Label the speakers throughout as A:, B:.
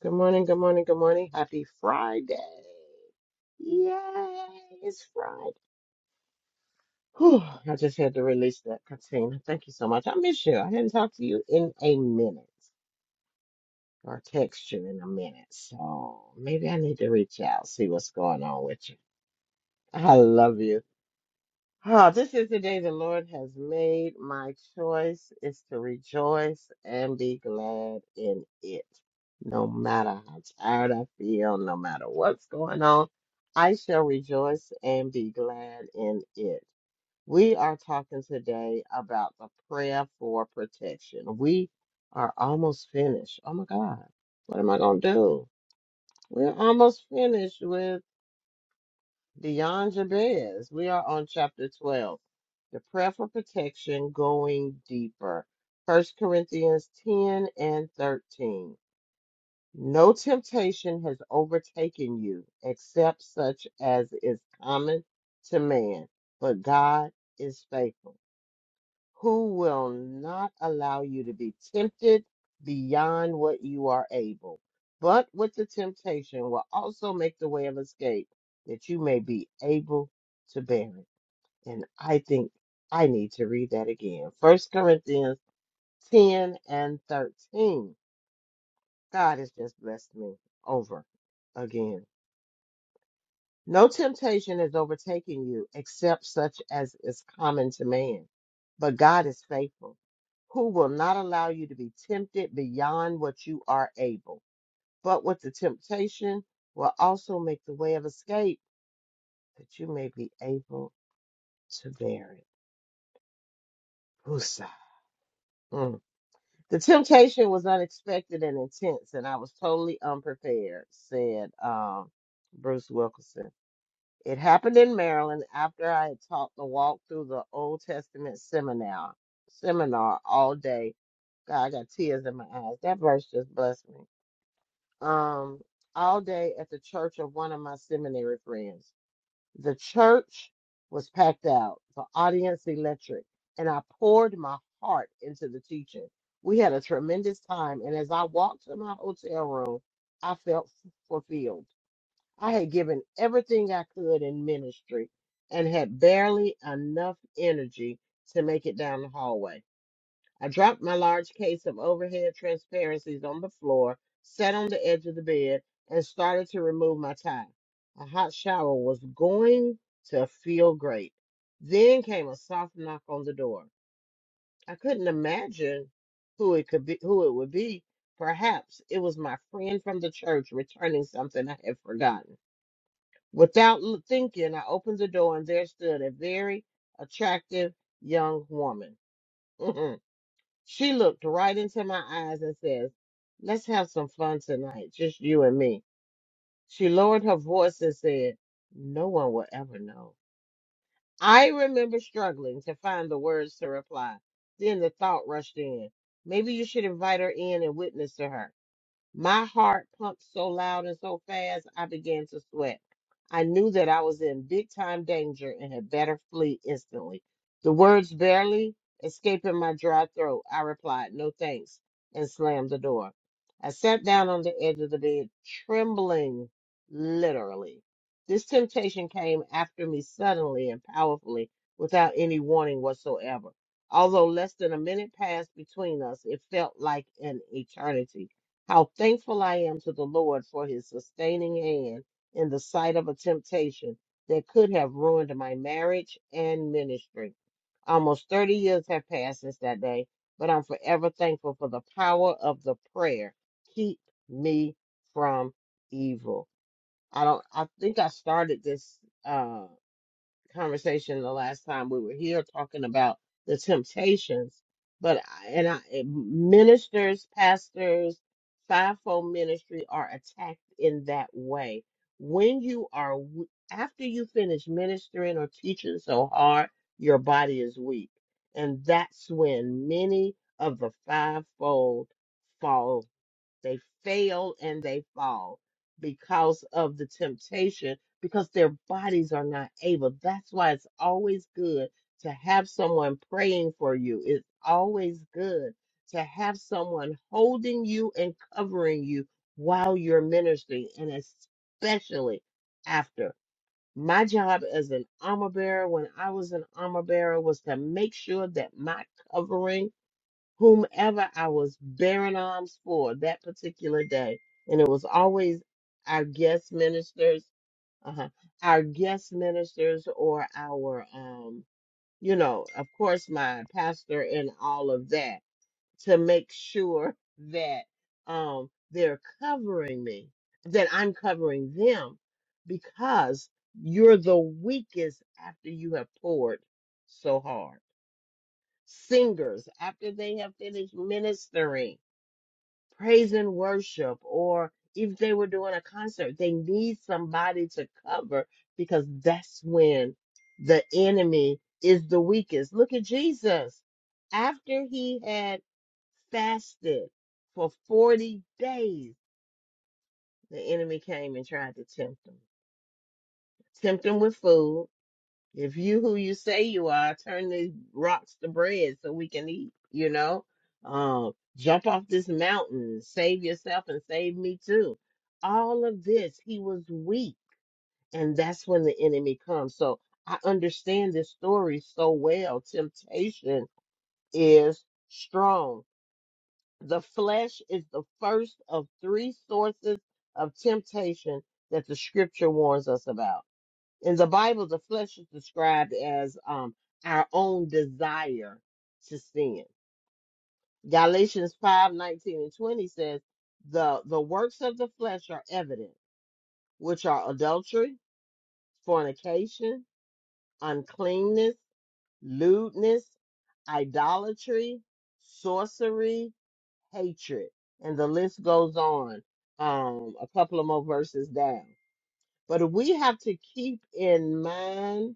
A: Good morning, good morning, good morning. Happy Friday. Yay, it's Friday. Whew, I just had to release that, Katina. Thank you so much. I miss you. I hadn't talked to you in a minute or text you in a minute. So maybe I need to reach out, see what's going on with you. I love you. Oh, this is the day the Lord has made. My choice is to rejoice and be glad in it. No matter how tired I feel, no matter what's going on, I shall rejoice and be glad in it. We are talking today about the prayer for protection. We are almost finished. Oh my God. What am I going to do? We're almost finished with Beyond Jabez, we are on chapter 12, the prayer for protection going deeper. 1 Corinthians 10 and 13. No temptation has overtaken you except such as is common to man, but God is faithful who will not allow you to be tempted beyond what you are able, but with the temptation will also make the way of escape that you may be able to bear it. And I think I need to read that again. First Corinthians 10 and 13. God has just blessed me over again. No temptation is overtaking you except such as is common to man. But God is faithful, who will not allow you to be tempted beyond what you are able, but with the temptation will also make the way of escape that you may be able to bear it. Husa. Mm. The temptation was unexpected and intense, and I was totally unprepared, said um, Bruce Wilkinson. It happened in Maryland after I had taught the walk through the Old Testament seminar seminar all day. God, I got tears in my eyes. That verse just blessed me. Um, all day at the church of one of my seminary friends. The church was packed out, the audience electric, and I poured my heart into the teaching. We had a tremendous time, and as I walked to my hotel room, I felt fulfilled. I had given everything I could in ministry and had barely enough energy to make it down the hallway. I dropped my large case of overhead transparencies on the floor, sat on the edge of the bed, and started to remove my tie. A hot shower was going to feel great. Then came a soft knock on the door. I couldn't imagine who it could be, who it would be. Perhaps it was my friend from the church returning something I had forgotten. Without l- thinking, I opened the door and there stood a very attractive young woman. she looked right into my eyes and says, Let's have some fun tonight, just you and me. She lowered her voice and said, No one will ever know. I remember struggling to find the words to reply. Then the thought rushed in. Maybe you should invite her in and witness to her. My heart pumped so loud and so fast, I began to sweat. I knew that I was in big time danger and had better flee instantly. The words barely escaping my dry throat, I replied, No thanks, and slammed the door. I sat down on the edge of the bed, trembling literally. This temptation came after me suddenly and powerfully without any warning whatsoever. Although less than a minute passed between us, it felt like an eternity. How thankful I am to the Lord for his sustaining hand in the sight of a temptation that could have ruined my marriage and ministry. Almost 30 years have passed since that day, but I'm forever thankful for the power of the prayer. Keep me from evil. I don't I think I started this uh, conversation the last time we were here talking about the temptations but I- and I, eh, ministers pastors fivefold ministry are attacked in that way when you are w- after you finish ministering or teaching so hard your body is weak and that's when many of the fivefold fall they fail and they fall because of the temptation, because their bodies are not able. That's why it's always good to have someone praying for you. It's always good to have someone holding you and covering you while you're ministering, and especially after. My job as an armor bearer, when I was an armor bearer, was to make sure that my covering whomever I was bearing arms for that particular day. And it was always our guest ministers, uh our guest ministers or our, um, you know, of course, my pastor and all of that to make sure that um, they're covering me, that I'm covering them because you're the weakest after you have poured so hard. Singers, after they have finished ministering praise and worship, or if they were doing a concert, they need somebody to cover because that's when the enemy is the weakest. Look at Jesus. After he had fasted for 40 days, the enemy came and tried to tempt him. Tempt him with food, if you who you say you are, turn these rocks to bread so we can eat, you know? Um, jump off this mountain, save yourself and save me too. All of this, he was weak, and that's when the enemy comes. So I understand this story so well. Temptation is strong. The flesh is the first of three sources of temptation that the scripture warns us about. In the Bible, the flesh is described as um, our own desire to sin. Galatians 5:19 and 20 says, the, the works of the flesh are evident, which are adultery, fornication, uncleanness, lewdness, idolatry, sorcery, hatred. And the list goes on um, a couple of more verses down. But we have to keep in mind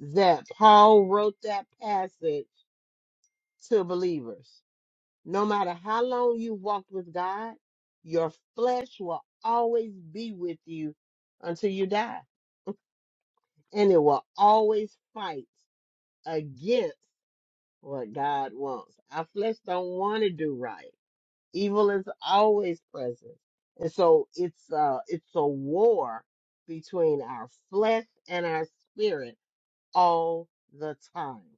A: that Paul wrote that passage to believers. No matter how long you walked with God, your flesh will always be with you until you die, and it will always fight against what God wants. Our flesh don't want to do right. Evil is always present, and so it's uh it's a war between our flesh and our spirit all the time.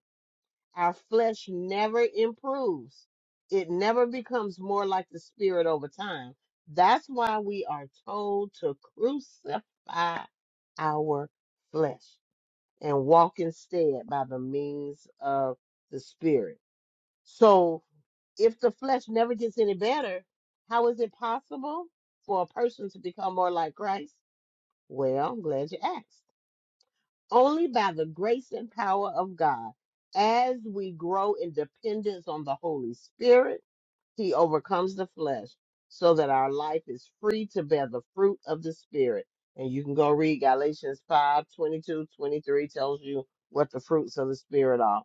A: Our flesh never improves. It never becomes more like the spirit over time. That's why we are told to crucify our flesh and walk instead by the means of the spirit. So if the flesh never gets any better, how is it possible for a person to become more like Christ? Well, I'm glad you asked only by the grace and power of God as we grow in dependence on the Holy Spirit he overcomes the flesh so that our life is free to bear the fruit of the Spirit. And you can go read Galatians 5 22 23 tells you what the fruits of the Spirit are.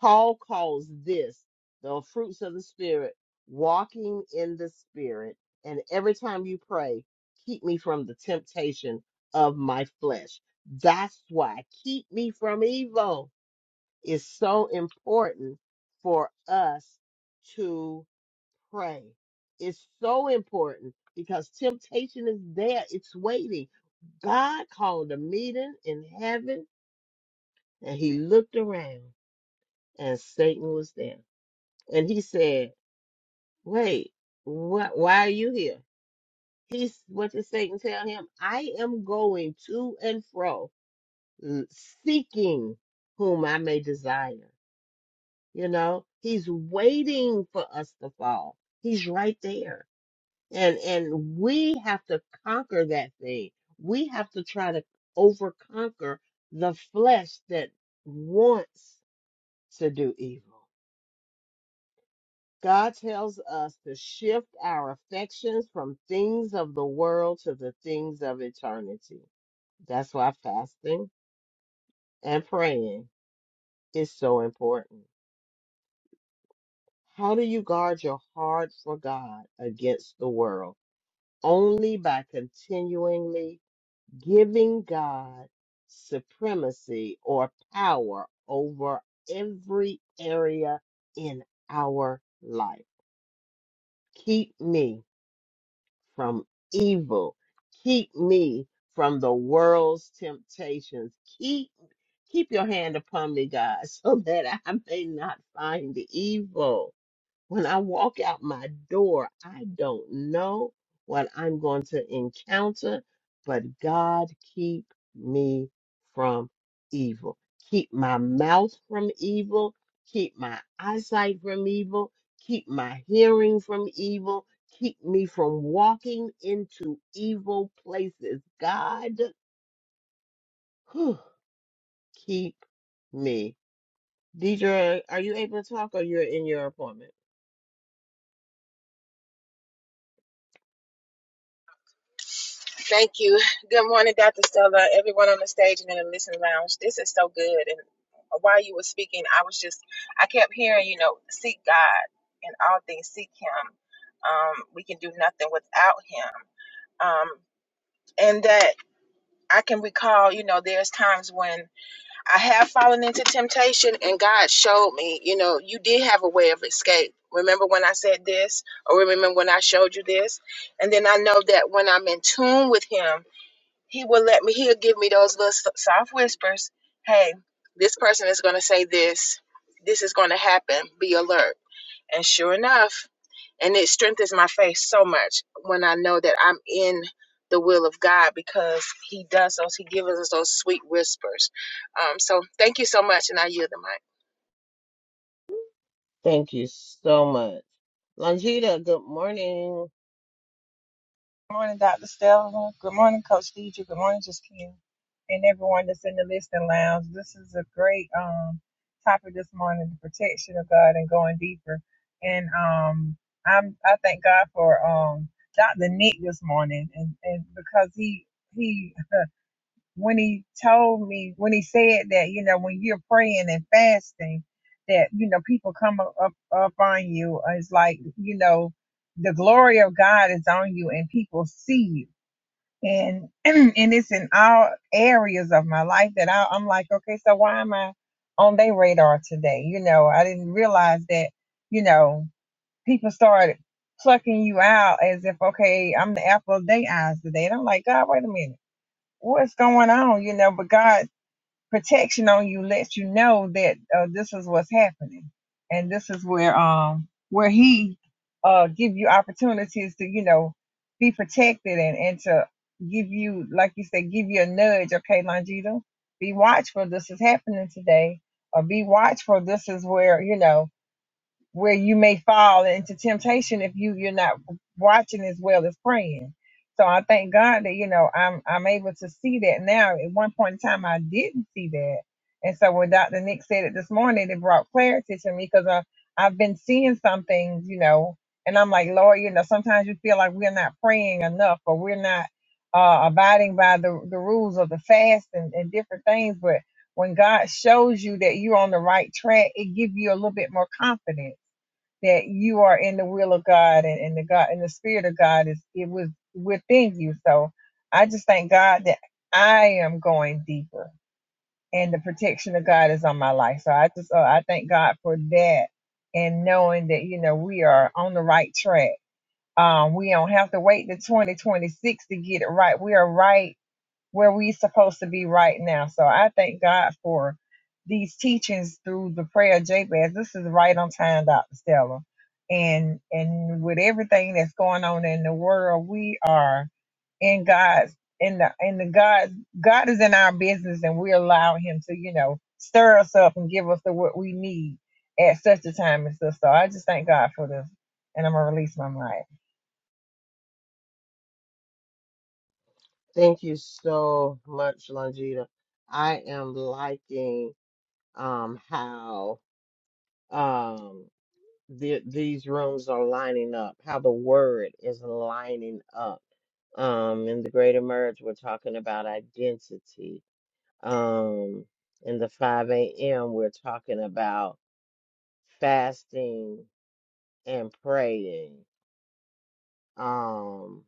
A: Paul calls this the fruits of the Spirit, walking in the Spirit. And every time you pray, keep me from the temptation of my flesh. That's why keep me from evil is so important for us pray. It's so important because temptation is there, it's waiting. God called a meeting in heaven and he looked around and Satan was there. And he said, Wait, what why are you here? He's what did Satan tell him? I am going to and fro l- seeking whom I may desire. You know, he's waiting for us to fall. He's right there and and we have to conquer that thing we have to try to overconquer the flesh that wants to do evil god tells us to shift our affections from things of the world to the things of eternity that's why fasting and praying is so important how do you guard your heart for god against the world only by continually giving God supremacy or power over every area in our life. Keep me from evil. Keep me from the world's temptations. Keep keep your hand upon me, God, so that I may not find evil when I walk out my door, I don't know what I'm going to encounter, but God keep me from evil. Keep my mouth from evil. Keep my eyesight from evil. Keep my hearing from evil. Keep me from walking into evil places. God, whew, keep me. Deidre, are you able to talk or you're in your appointment?
B: Thank you. Good morning, Dr. Stella, everyone on the stage and in the listening lounge. This is so good. And while you were speaking, I was just, I kept hearing, you know, seek God in all things, seek Him. Um, we can do nothing without Him. Um, and that I can recall, you know, there's times when I have fallen into temptation and God showed me, you know, you did have a way of escape. Remember when I said this, or remember when I showed you this? And then I know that when I'm in tune with Him, he will let me, he'll give me those little so, soft whispers. Hey, this person is going to say this. This is going to happen. Be alert. And sure enough, and it strengthens my faith so much when I know that I'm in the will of God because He does those. He gives us those sweet whispers. Um, so thank you so much, and I yield the mic.
A: Thank you so much. Longita, good morning.
C: Good morning, Dr. Stella. Good morning, Coach Deidre. Good morning, Justina, and everyone that's in the listening lounge. This is a great um topic this morning: the protection of God and going deeper. And um, I'm I thank God for um Dr. Nick this morning, and and because he he when he told me when he said that you know when you're praying and fasting that you know people come up up, up on you it's like you know the glory of God is on you and people see you and and it's in all areas of my life that I, I'm like, okay, so why am I on their radar today? You know, I didn't realize that, you know, people started plucking you out as if, okay, I'm the apple of their eyes today. And I'm like, God, wait a minute, what's going on? You know, but God protection on you lets you know that uh, this is what's happening, and this is where um where he uh give you opportunities to you know be protected and and to give you like you said give you a nudge. Okay, Longita, be watchful. This is happening today, or be watchful. This is where you know where you may fall into temptation if you you're not watching as well as praying. So I thank God that you know I'm I'm able to see that now. At one point in time, I didn't see that, and so when Dr. Nick said it this morning, it brought clarity to me because I've been seeing some things, you know, and I'm like, Lord, you know, sometimes you feel like we're not praying enough or we're not uh, abiding by the the rules of the fast and, and different things, but when God shows you that you're on the right track, it gives you a little bit more confidence that you are in the will of God and, and the God and the Spirit of God is it was within you. So I just thank God that I am going deeper and the protection of God is on my life. So I just uh, I thank God for that and knowing that you know we are on the right track. Um, we don't have to wait to 2026 to get it right. We are right where we supposed to be right now. So I thank God for these teachings through the prayer of Jabez. This is right on time, Dr. Stella. And and with everything that's going on in the world, we are in God's in the in the God God is in our business and we allow him to, you know, stir us up and give us the what we need at such a time as this. So I just thank God for this. And I'm gonna release my mic.
A: Thank you so much, Longita. I am liking um how um the, these rooms are lining up, how the word is lining up. Um in the greater merge, we're talking about identity. Um in the 5 a.m. we're talking about fasting and praying. Um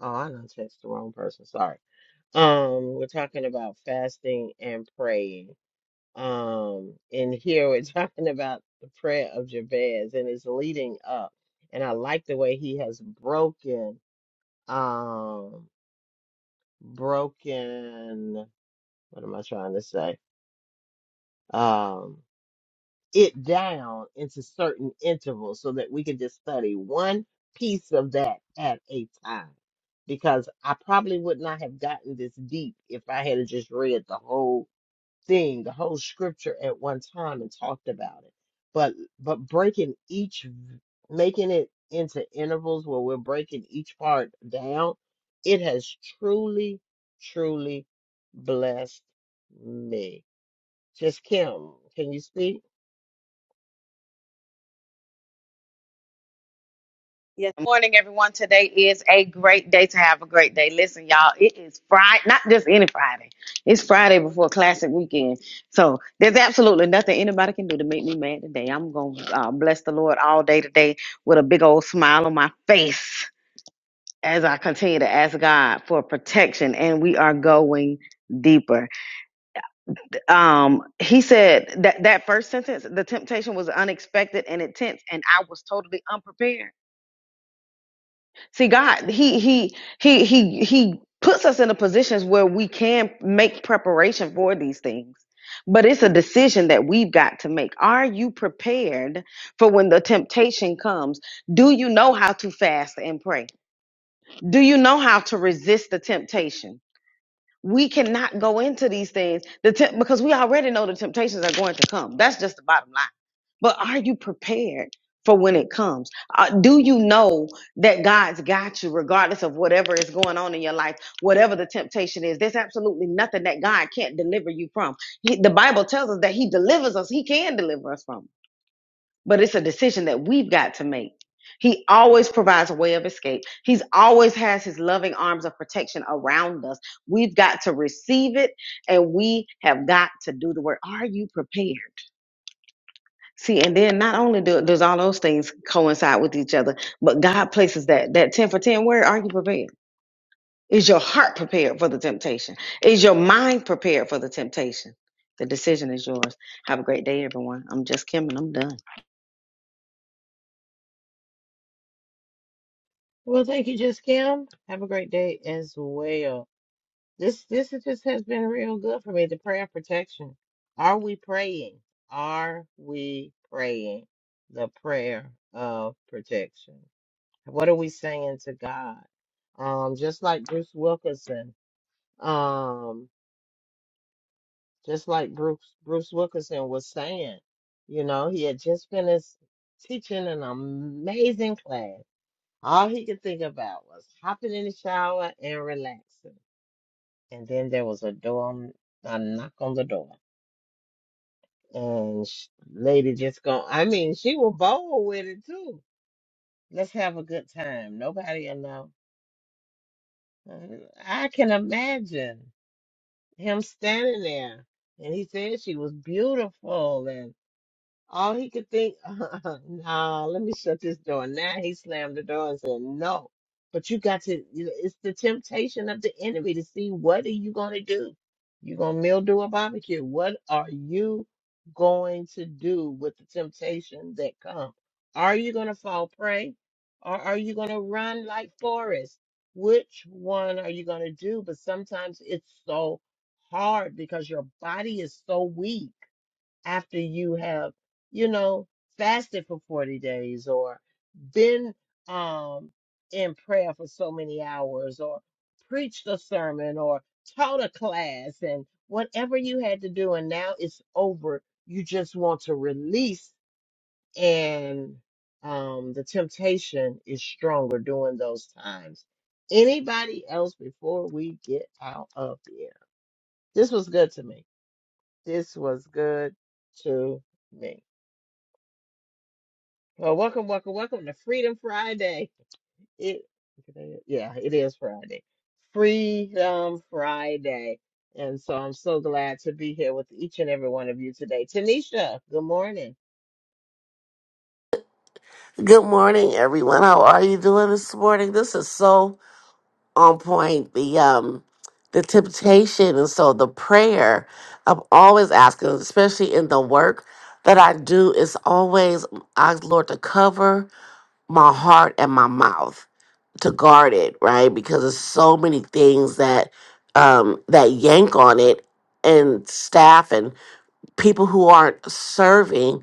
A: Oh, I done text the wrong person. Sorry. Um, we're talking about fasting and praying. Um, and here we're talking about the prayer of Jabez, and it's leading up. And I like the way he has broken, um, broken. What am I trying to say? Um. it down into certain intervals so that we can just study one piece of that at a time. Because I probably would not have gotten this deep if I had just read the whole thing, the whole scripture at one time and talked about it. But but breaking each making it into intervals where we're breaking each part down, it has truly, truly blessed me. Just Kim, can you speak?
D: Yes, Good morning, everyone. Today is a great day to have a great day. Listen, y'all, it is Friday, not just any Friday. It's Friday before Classic Weekend. So there's absolutely nothing anybody can do to make me mad today. I'm going to uh, bless the Lord all day today with a big old smile on my face as I continue to ask God for protection. And we are going deeper. Um, he said that that first sentence, the temptation was unexpected and intense, and I was totally unprepared See, God, He He He He He puts us in a positions where we can make preparation for these things. But it's a decision that we've got to make. Are you prepared for when the temptation comes? Do you know how to fast and pray? Do you know how to resist the temptation? we cannot go into these things the temp- because we already know the temptations are going to come that's just the bottom line but are you prepared for when it comes uh, do you know that god's got you regardless of whatever is going on in your life whatever the temptation is there's absolutely nothing that god can't deliver you from he, the bible tells us that he delivers us he can deliver us from it but it's a decision that we've got to make. He always provides a way of escape. He's always has his loving arms of protection around us. We've got to receive it and we have got to do the work. Are you prepared? See, and then not only do, does all those things coincide with each other, but God places that that 10 for 10 word, are you prepared? Is your heart prepared for the temptation? Is your mind prepared for the temptation? The decision is yours. Have a great day, everyone. I'm just Kim and I'm done.
A: Well, thank you, Just Kim. Have a great day as well. This this is just has been real good for me. The prayer of protection. Are we praying? Are we praying the prayer of protection? What are we saying to God? Um, just like Bruce Wilkinson. Um, just like Bruce Bruce Wilkinson was saying. You know, he had just finished teaching an amazing class All he could think about was hopping in the shower and relaxing. And then there was a door, on- a knock on the door. And sh- lady just go, I mean, she was bold with it too. Let's have a good time. Nobody will know. Uh, I can imagine him standing there. And he said she was beautiful All he could think, nah, let me shut this door. Now he slammed the door and said, no. But you got to, you know, it's the temptation of the enemy to see what are you going to do? you going to mildew a barbecue. What are you going to do with the temptation that comes? Are you going to fall prey or are you going to run like Forrest? Which one are you going to do? But sometimes it's so hard because your body is so weak after you have, you know, fasted for 40 days or been um, in prayer for so many hours or preached a sermon or taught a class and whatever you had to do, and now it's over. You just want to release, and um, the temptation is stronger during those times. Anybody else before we get out of here? This was good to me. This was good to me. Well, welcome, welcome, welcome to Freedom Friday. It, yeah, it is Friday. Freedom Friday. And so I'm so glad to be here with each and every one of you today. Tanisha, good morning.
E: Good morning, everyone. How are you doing this morning? This is so on point. The um, the temptation, and so the prayer. I'm always asking, especially in the work that I do, is always ask Lord to cover my heart and my mouth to guard it, right? Because there's so many things that um that yank on it, and staff and people who aren't serving,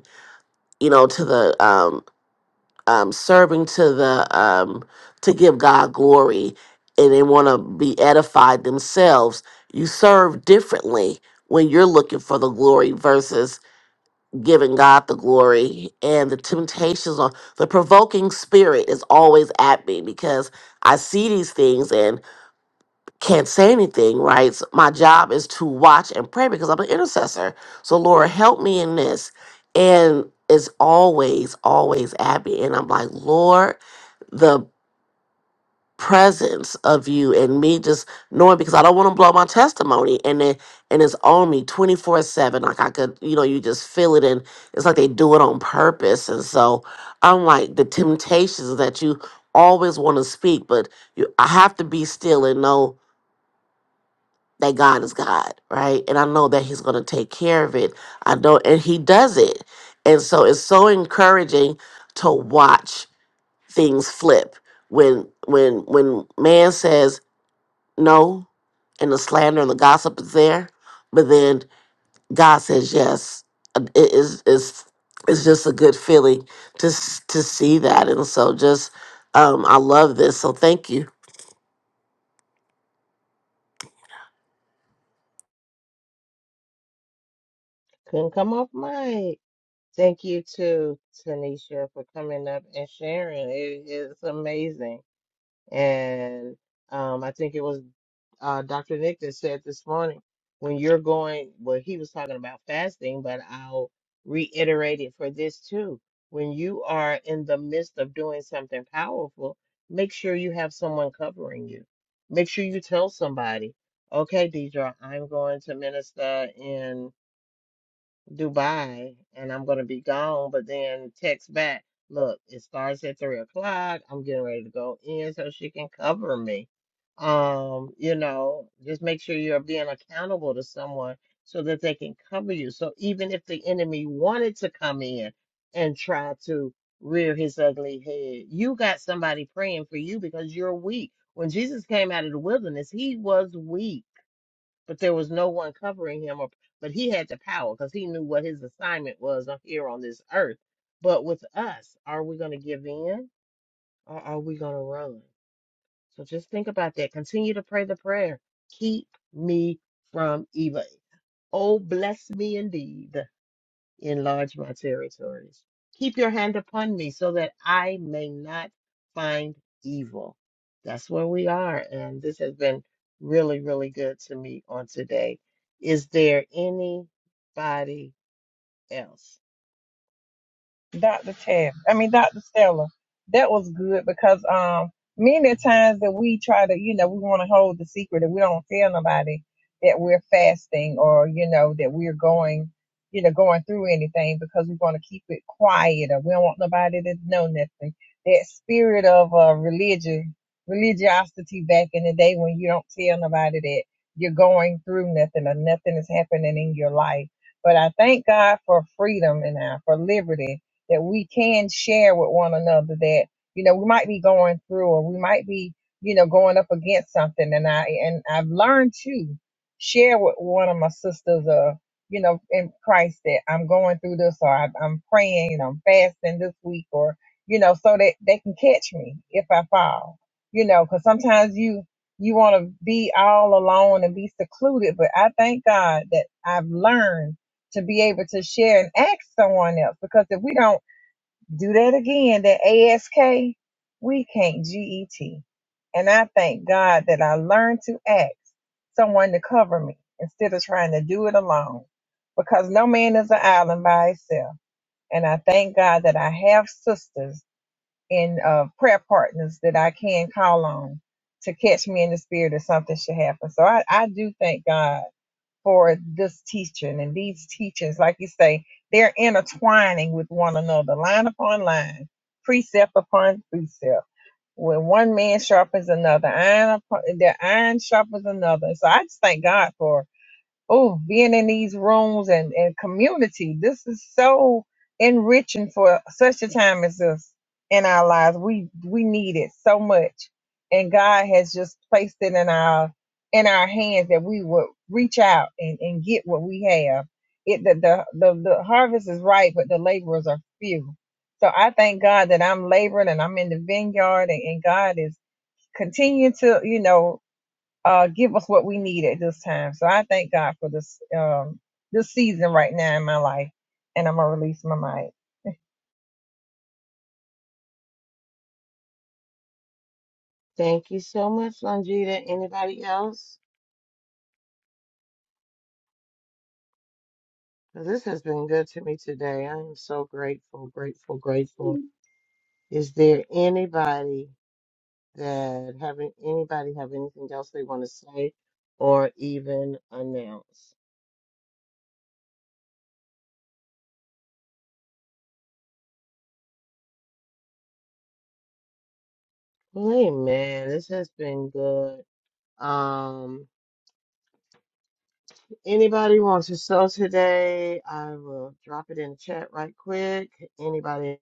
E: you know, to the um um, serving to the um, to give God glory, and they want to be edified themselves. You serve differently when you're looking for the glory versus giving God the glory. And the temptations on the provoking spirit is always at me because I see these things and can't say anything. Right, so my job is to watch and pray because I'm an intercessor. So Lord, help me in this. And it's always, always at me, and I'm like, Lord the presence of you and me just knowing because I don't want to blow my testimony and then and it's on me 24 7 like I could you know you just feel it and it's like they do it on purpose and so I'm like the temptations that you always want to speak but you I have to be still and know that God is God right and I know that he's going to take care of it I know and he does it and so it's so encouraging to watch things flip when when when man says no and the slander and the gossip is there but then god says yes Uh, it is is it's just a good feeling to s- to see that and so just um i love this so thank you
A: Couldn't come off mic. Thank you to Tanisha for coming up and sharing. It is amazing. And um, I think it was uh, Dr. Nick that said this morning when you're going, well, he was talking about fasting, but I'll reiterate it for this too. When you are in the midst of doing something powerful, make sure you have someone covering you. Make sure you tell somebody, okay, Deidre, I'm going to minister Dubai and I'm gonna be gone, but then text back, look, it starts at three o'clock. I'm getting ready to go in so she can cover me. Um, you know, just make sure you're being accountable to someone so that they can cover you. So even if the enemy wanted to come in and try to rear his ugly head, you got somebody praying for you because you're weak. When Jesus came out of the wilderness, he was weak but there was no one covering him. Or, but he had the power because he knew what his assignment was on- here on this earth. But with us, are we going to give in or are we going to run? So just think about that. Continue to pray the prayer. Keep me from evil. Oh, bless me indeed enlarge my territories. Keep your hand upon me so that I may not find evil. That's where we are. And this has been really, really good to me on today. Is there anybody else?
C: Dr. Tab. I mean, Dr. Stella. That was good because um, many times that we try to, you know, we want to hold the secret and we don't tell nobody that we're fasting or, you know, that we're going, you know, going through anything because we want to keep it quiet or we don't want nobody to know nothing. That spirit of uh, religion, religiosity back in the day when you don't tell nobody that you're going through nothing or nothing is happening in your life. But I thank God for freedom and uh, for liberty that we can share with one another that you know we might be going through or we might be you know going up against something and i and i've learned to share with one of my sisters uh you know in christ that i'm going through this or i I'm praying and i'm fasting this week or you know so that they can catch me if i fall you know because sometimes you you want to be all alone and be secluded but i thank god that i've learned to be able to share and ask someone else because if we don't do that again, that ASK. We can't GET. And I thank God that I learned to ask someone to cover me instead of trying to do it alone because no man is an island by himself. And I thank God that I have sisters and uh, prayer partners that I can call on to catch me in the spirit if something should happen. So I, I do thank God for this teaching and these teachings, like you say, they're intertwining with one another, line upon line, precept upon precept. When one man sharpens another, iron upon, the iron sharpens another. So I just thank God for oh, being in these rooms and, and community. This is so enriching for such a time as this in our lives. We we need it so much. And God has just placed it in our in our hands that we would reach out and, and get what we have. It the, the the the harvest is ripe, but the laborers are few. So I thank God that I'm laboring and I'm in the vineyard and, and God is continuing to, you know, uh, give us what we need at this time. So I thank God for this um, this season right now in my life, and I'm gonna release my mic.
A: Thank you so much, Longita. Anybody else? 'Cause This has been good to me today. I am so grateful, grateful, grateful. Is there anybody That having anybody have anything else they want to say or even announce? Well, hey man, this has been good. Um, anybody wants to sew today? I will drop it in the chat right quick. Anybody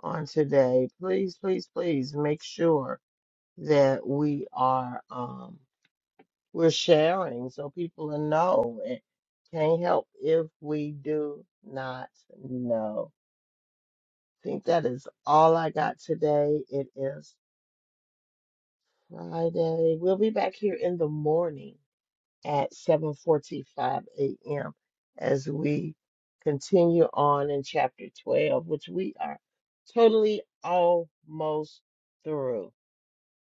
A: on today, please, please, please make sure that we are um we're sharing so people will know. It can't help if we do not know. think that is all I got today. It is Friday. We'll be back here in the morning at 7:45 a.m. as we continue on in chapter 12, which we are totally almost through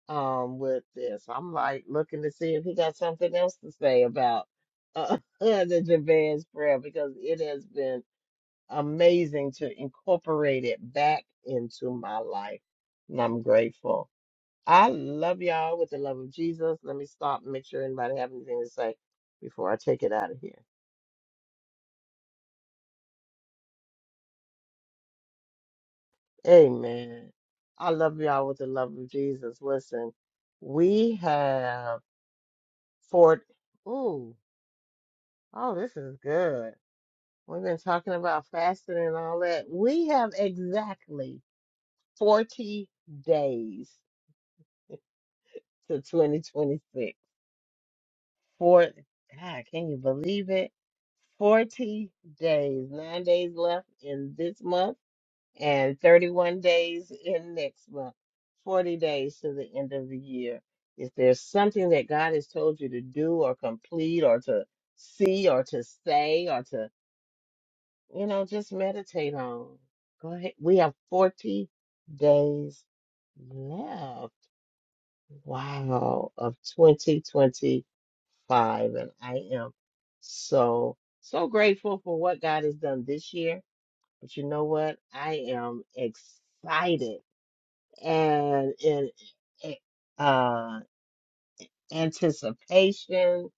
A: um with this. I'm like looking to see if he got something else to say about uh, the Jabez prayer because it has been amazing to incorporate it back into my life. And I'm grateful. I love y'all with the love of Jesus. Let me stop and make sure anybody have anything to say before I take it out of here. Amen. I love y'all with the love of Jesus. Listen, we have Fort. Ooh, oh, this is good. We've been talking about fasting and all that. We have exactly 40 days to 2026. For God, can you believe it? 40 days, nine days left in this month, and 31 days in next month. 40 days to the end of the year. Is there something that God has told you to do or complete or to see or to say or to, you know, just meditate on? Go ahead. We have 40 days left. Wow, of 2025. And I am so, so grateful for what God has done this year. But you know what? I am excited and in eh, uh, anticipation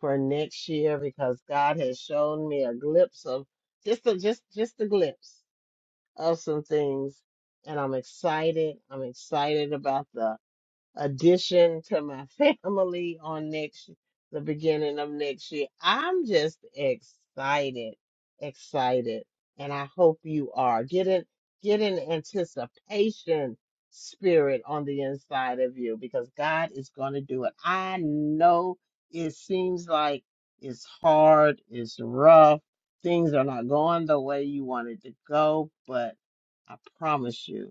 A: for next year because God has shown me a glimpse of just a, just just a glimpse of some things. And I'm excited. I'm excited about the addition to my family on next the beginning of next year. I'm just excited, excited, and I hope you are. Get an get an anticipation spirit on the inside of you because God is going to do it. I know it seems like it's hard, it's rough, things are not going the way you wanted to go, but I promise you.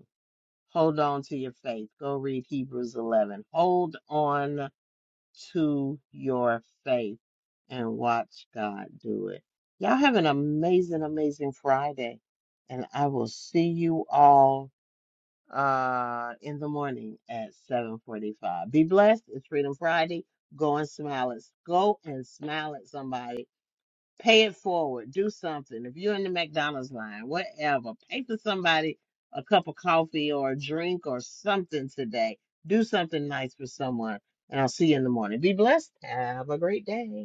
A: Hold on to your faith. Go read Hebrews 11. Hold on to your faith and watch God do it. Y'all have an amazing, amazing Friday. And I will see you all uh, in the morning at 745. Be blessed. It's Freedom Friday. Go and smile. At, go and smile at somebody Pay it forward. Do something. If you're in the McDonald's line, whatever, pay for somebody a cup of coffee or a drink or something today. Do something nice for someone. And I'll see you in the morning. Be blessed. Have a great day.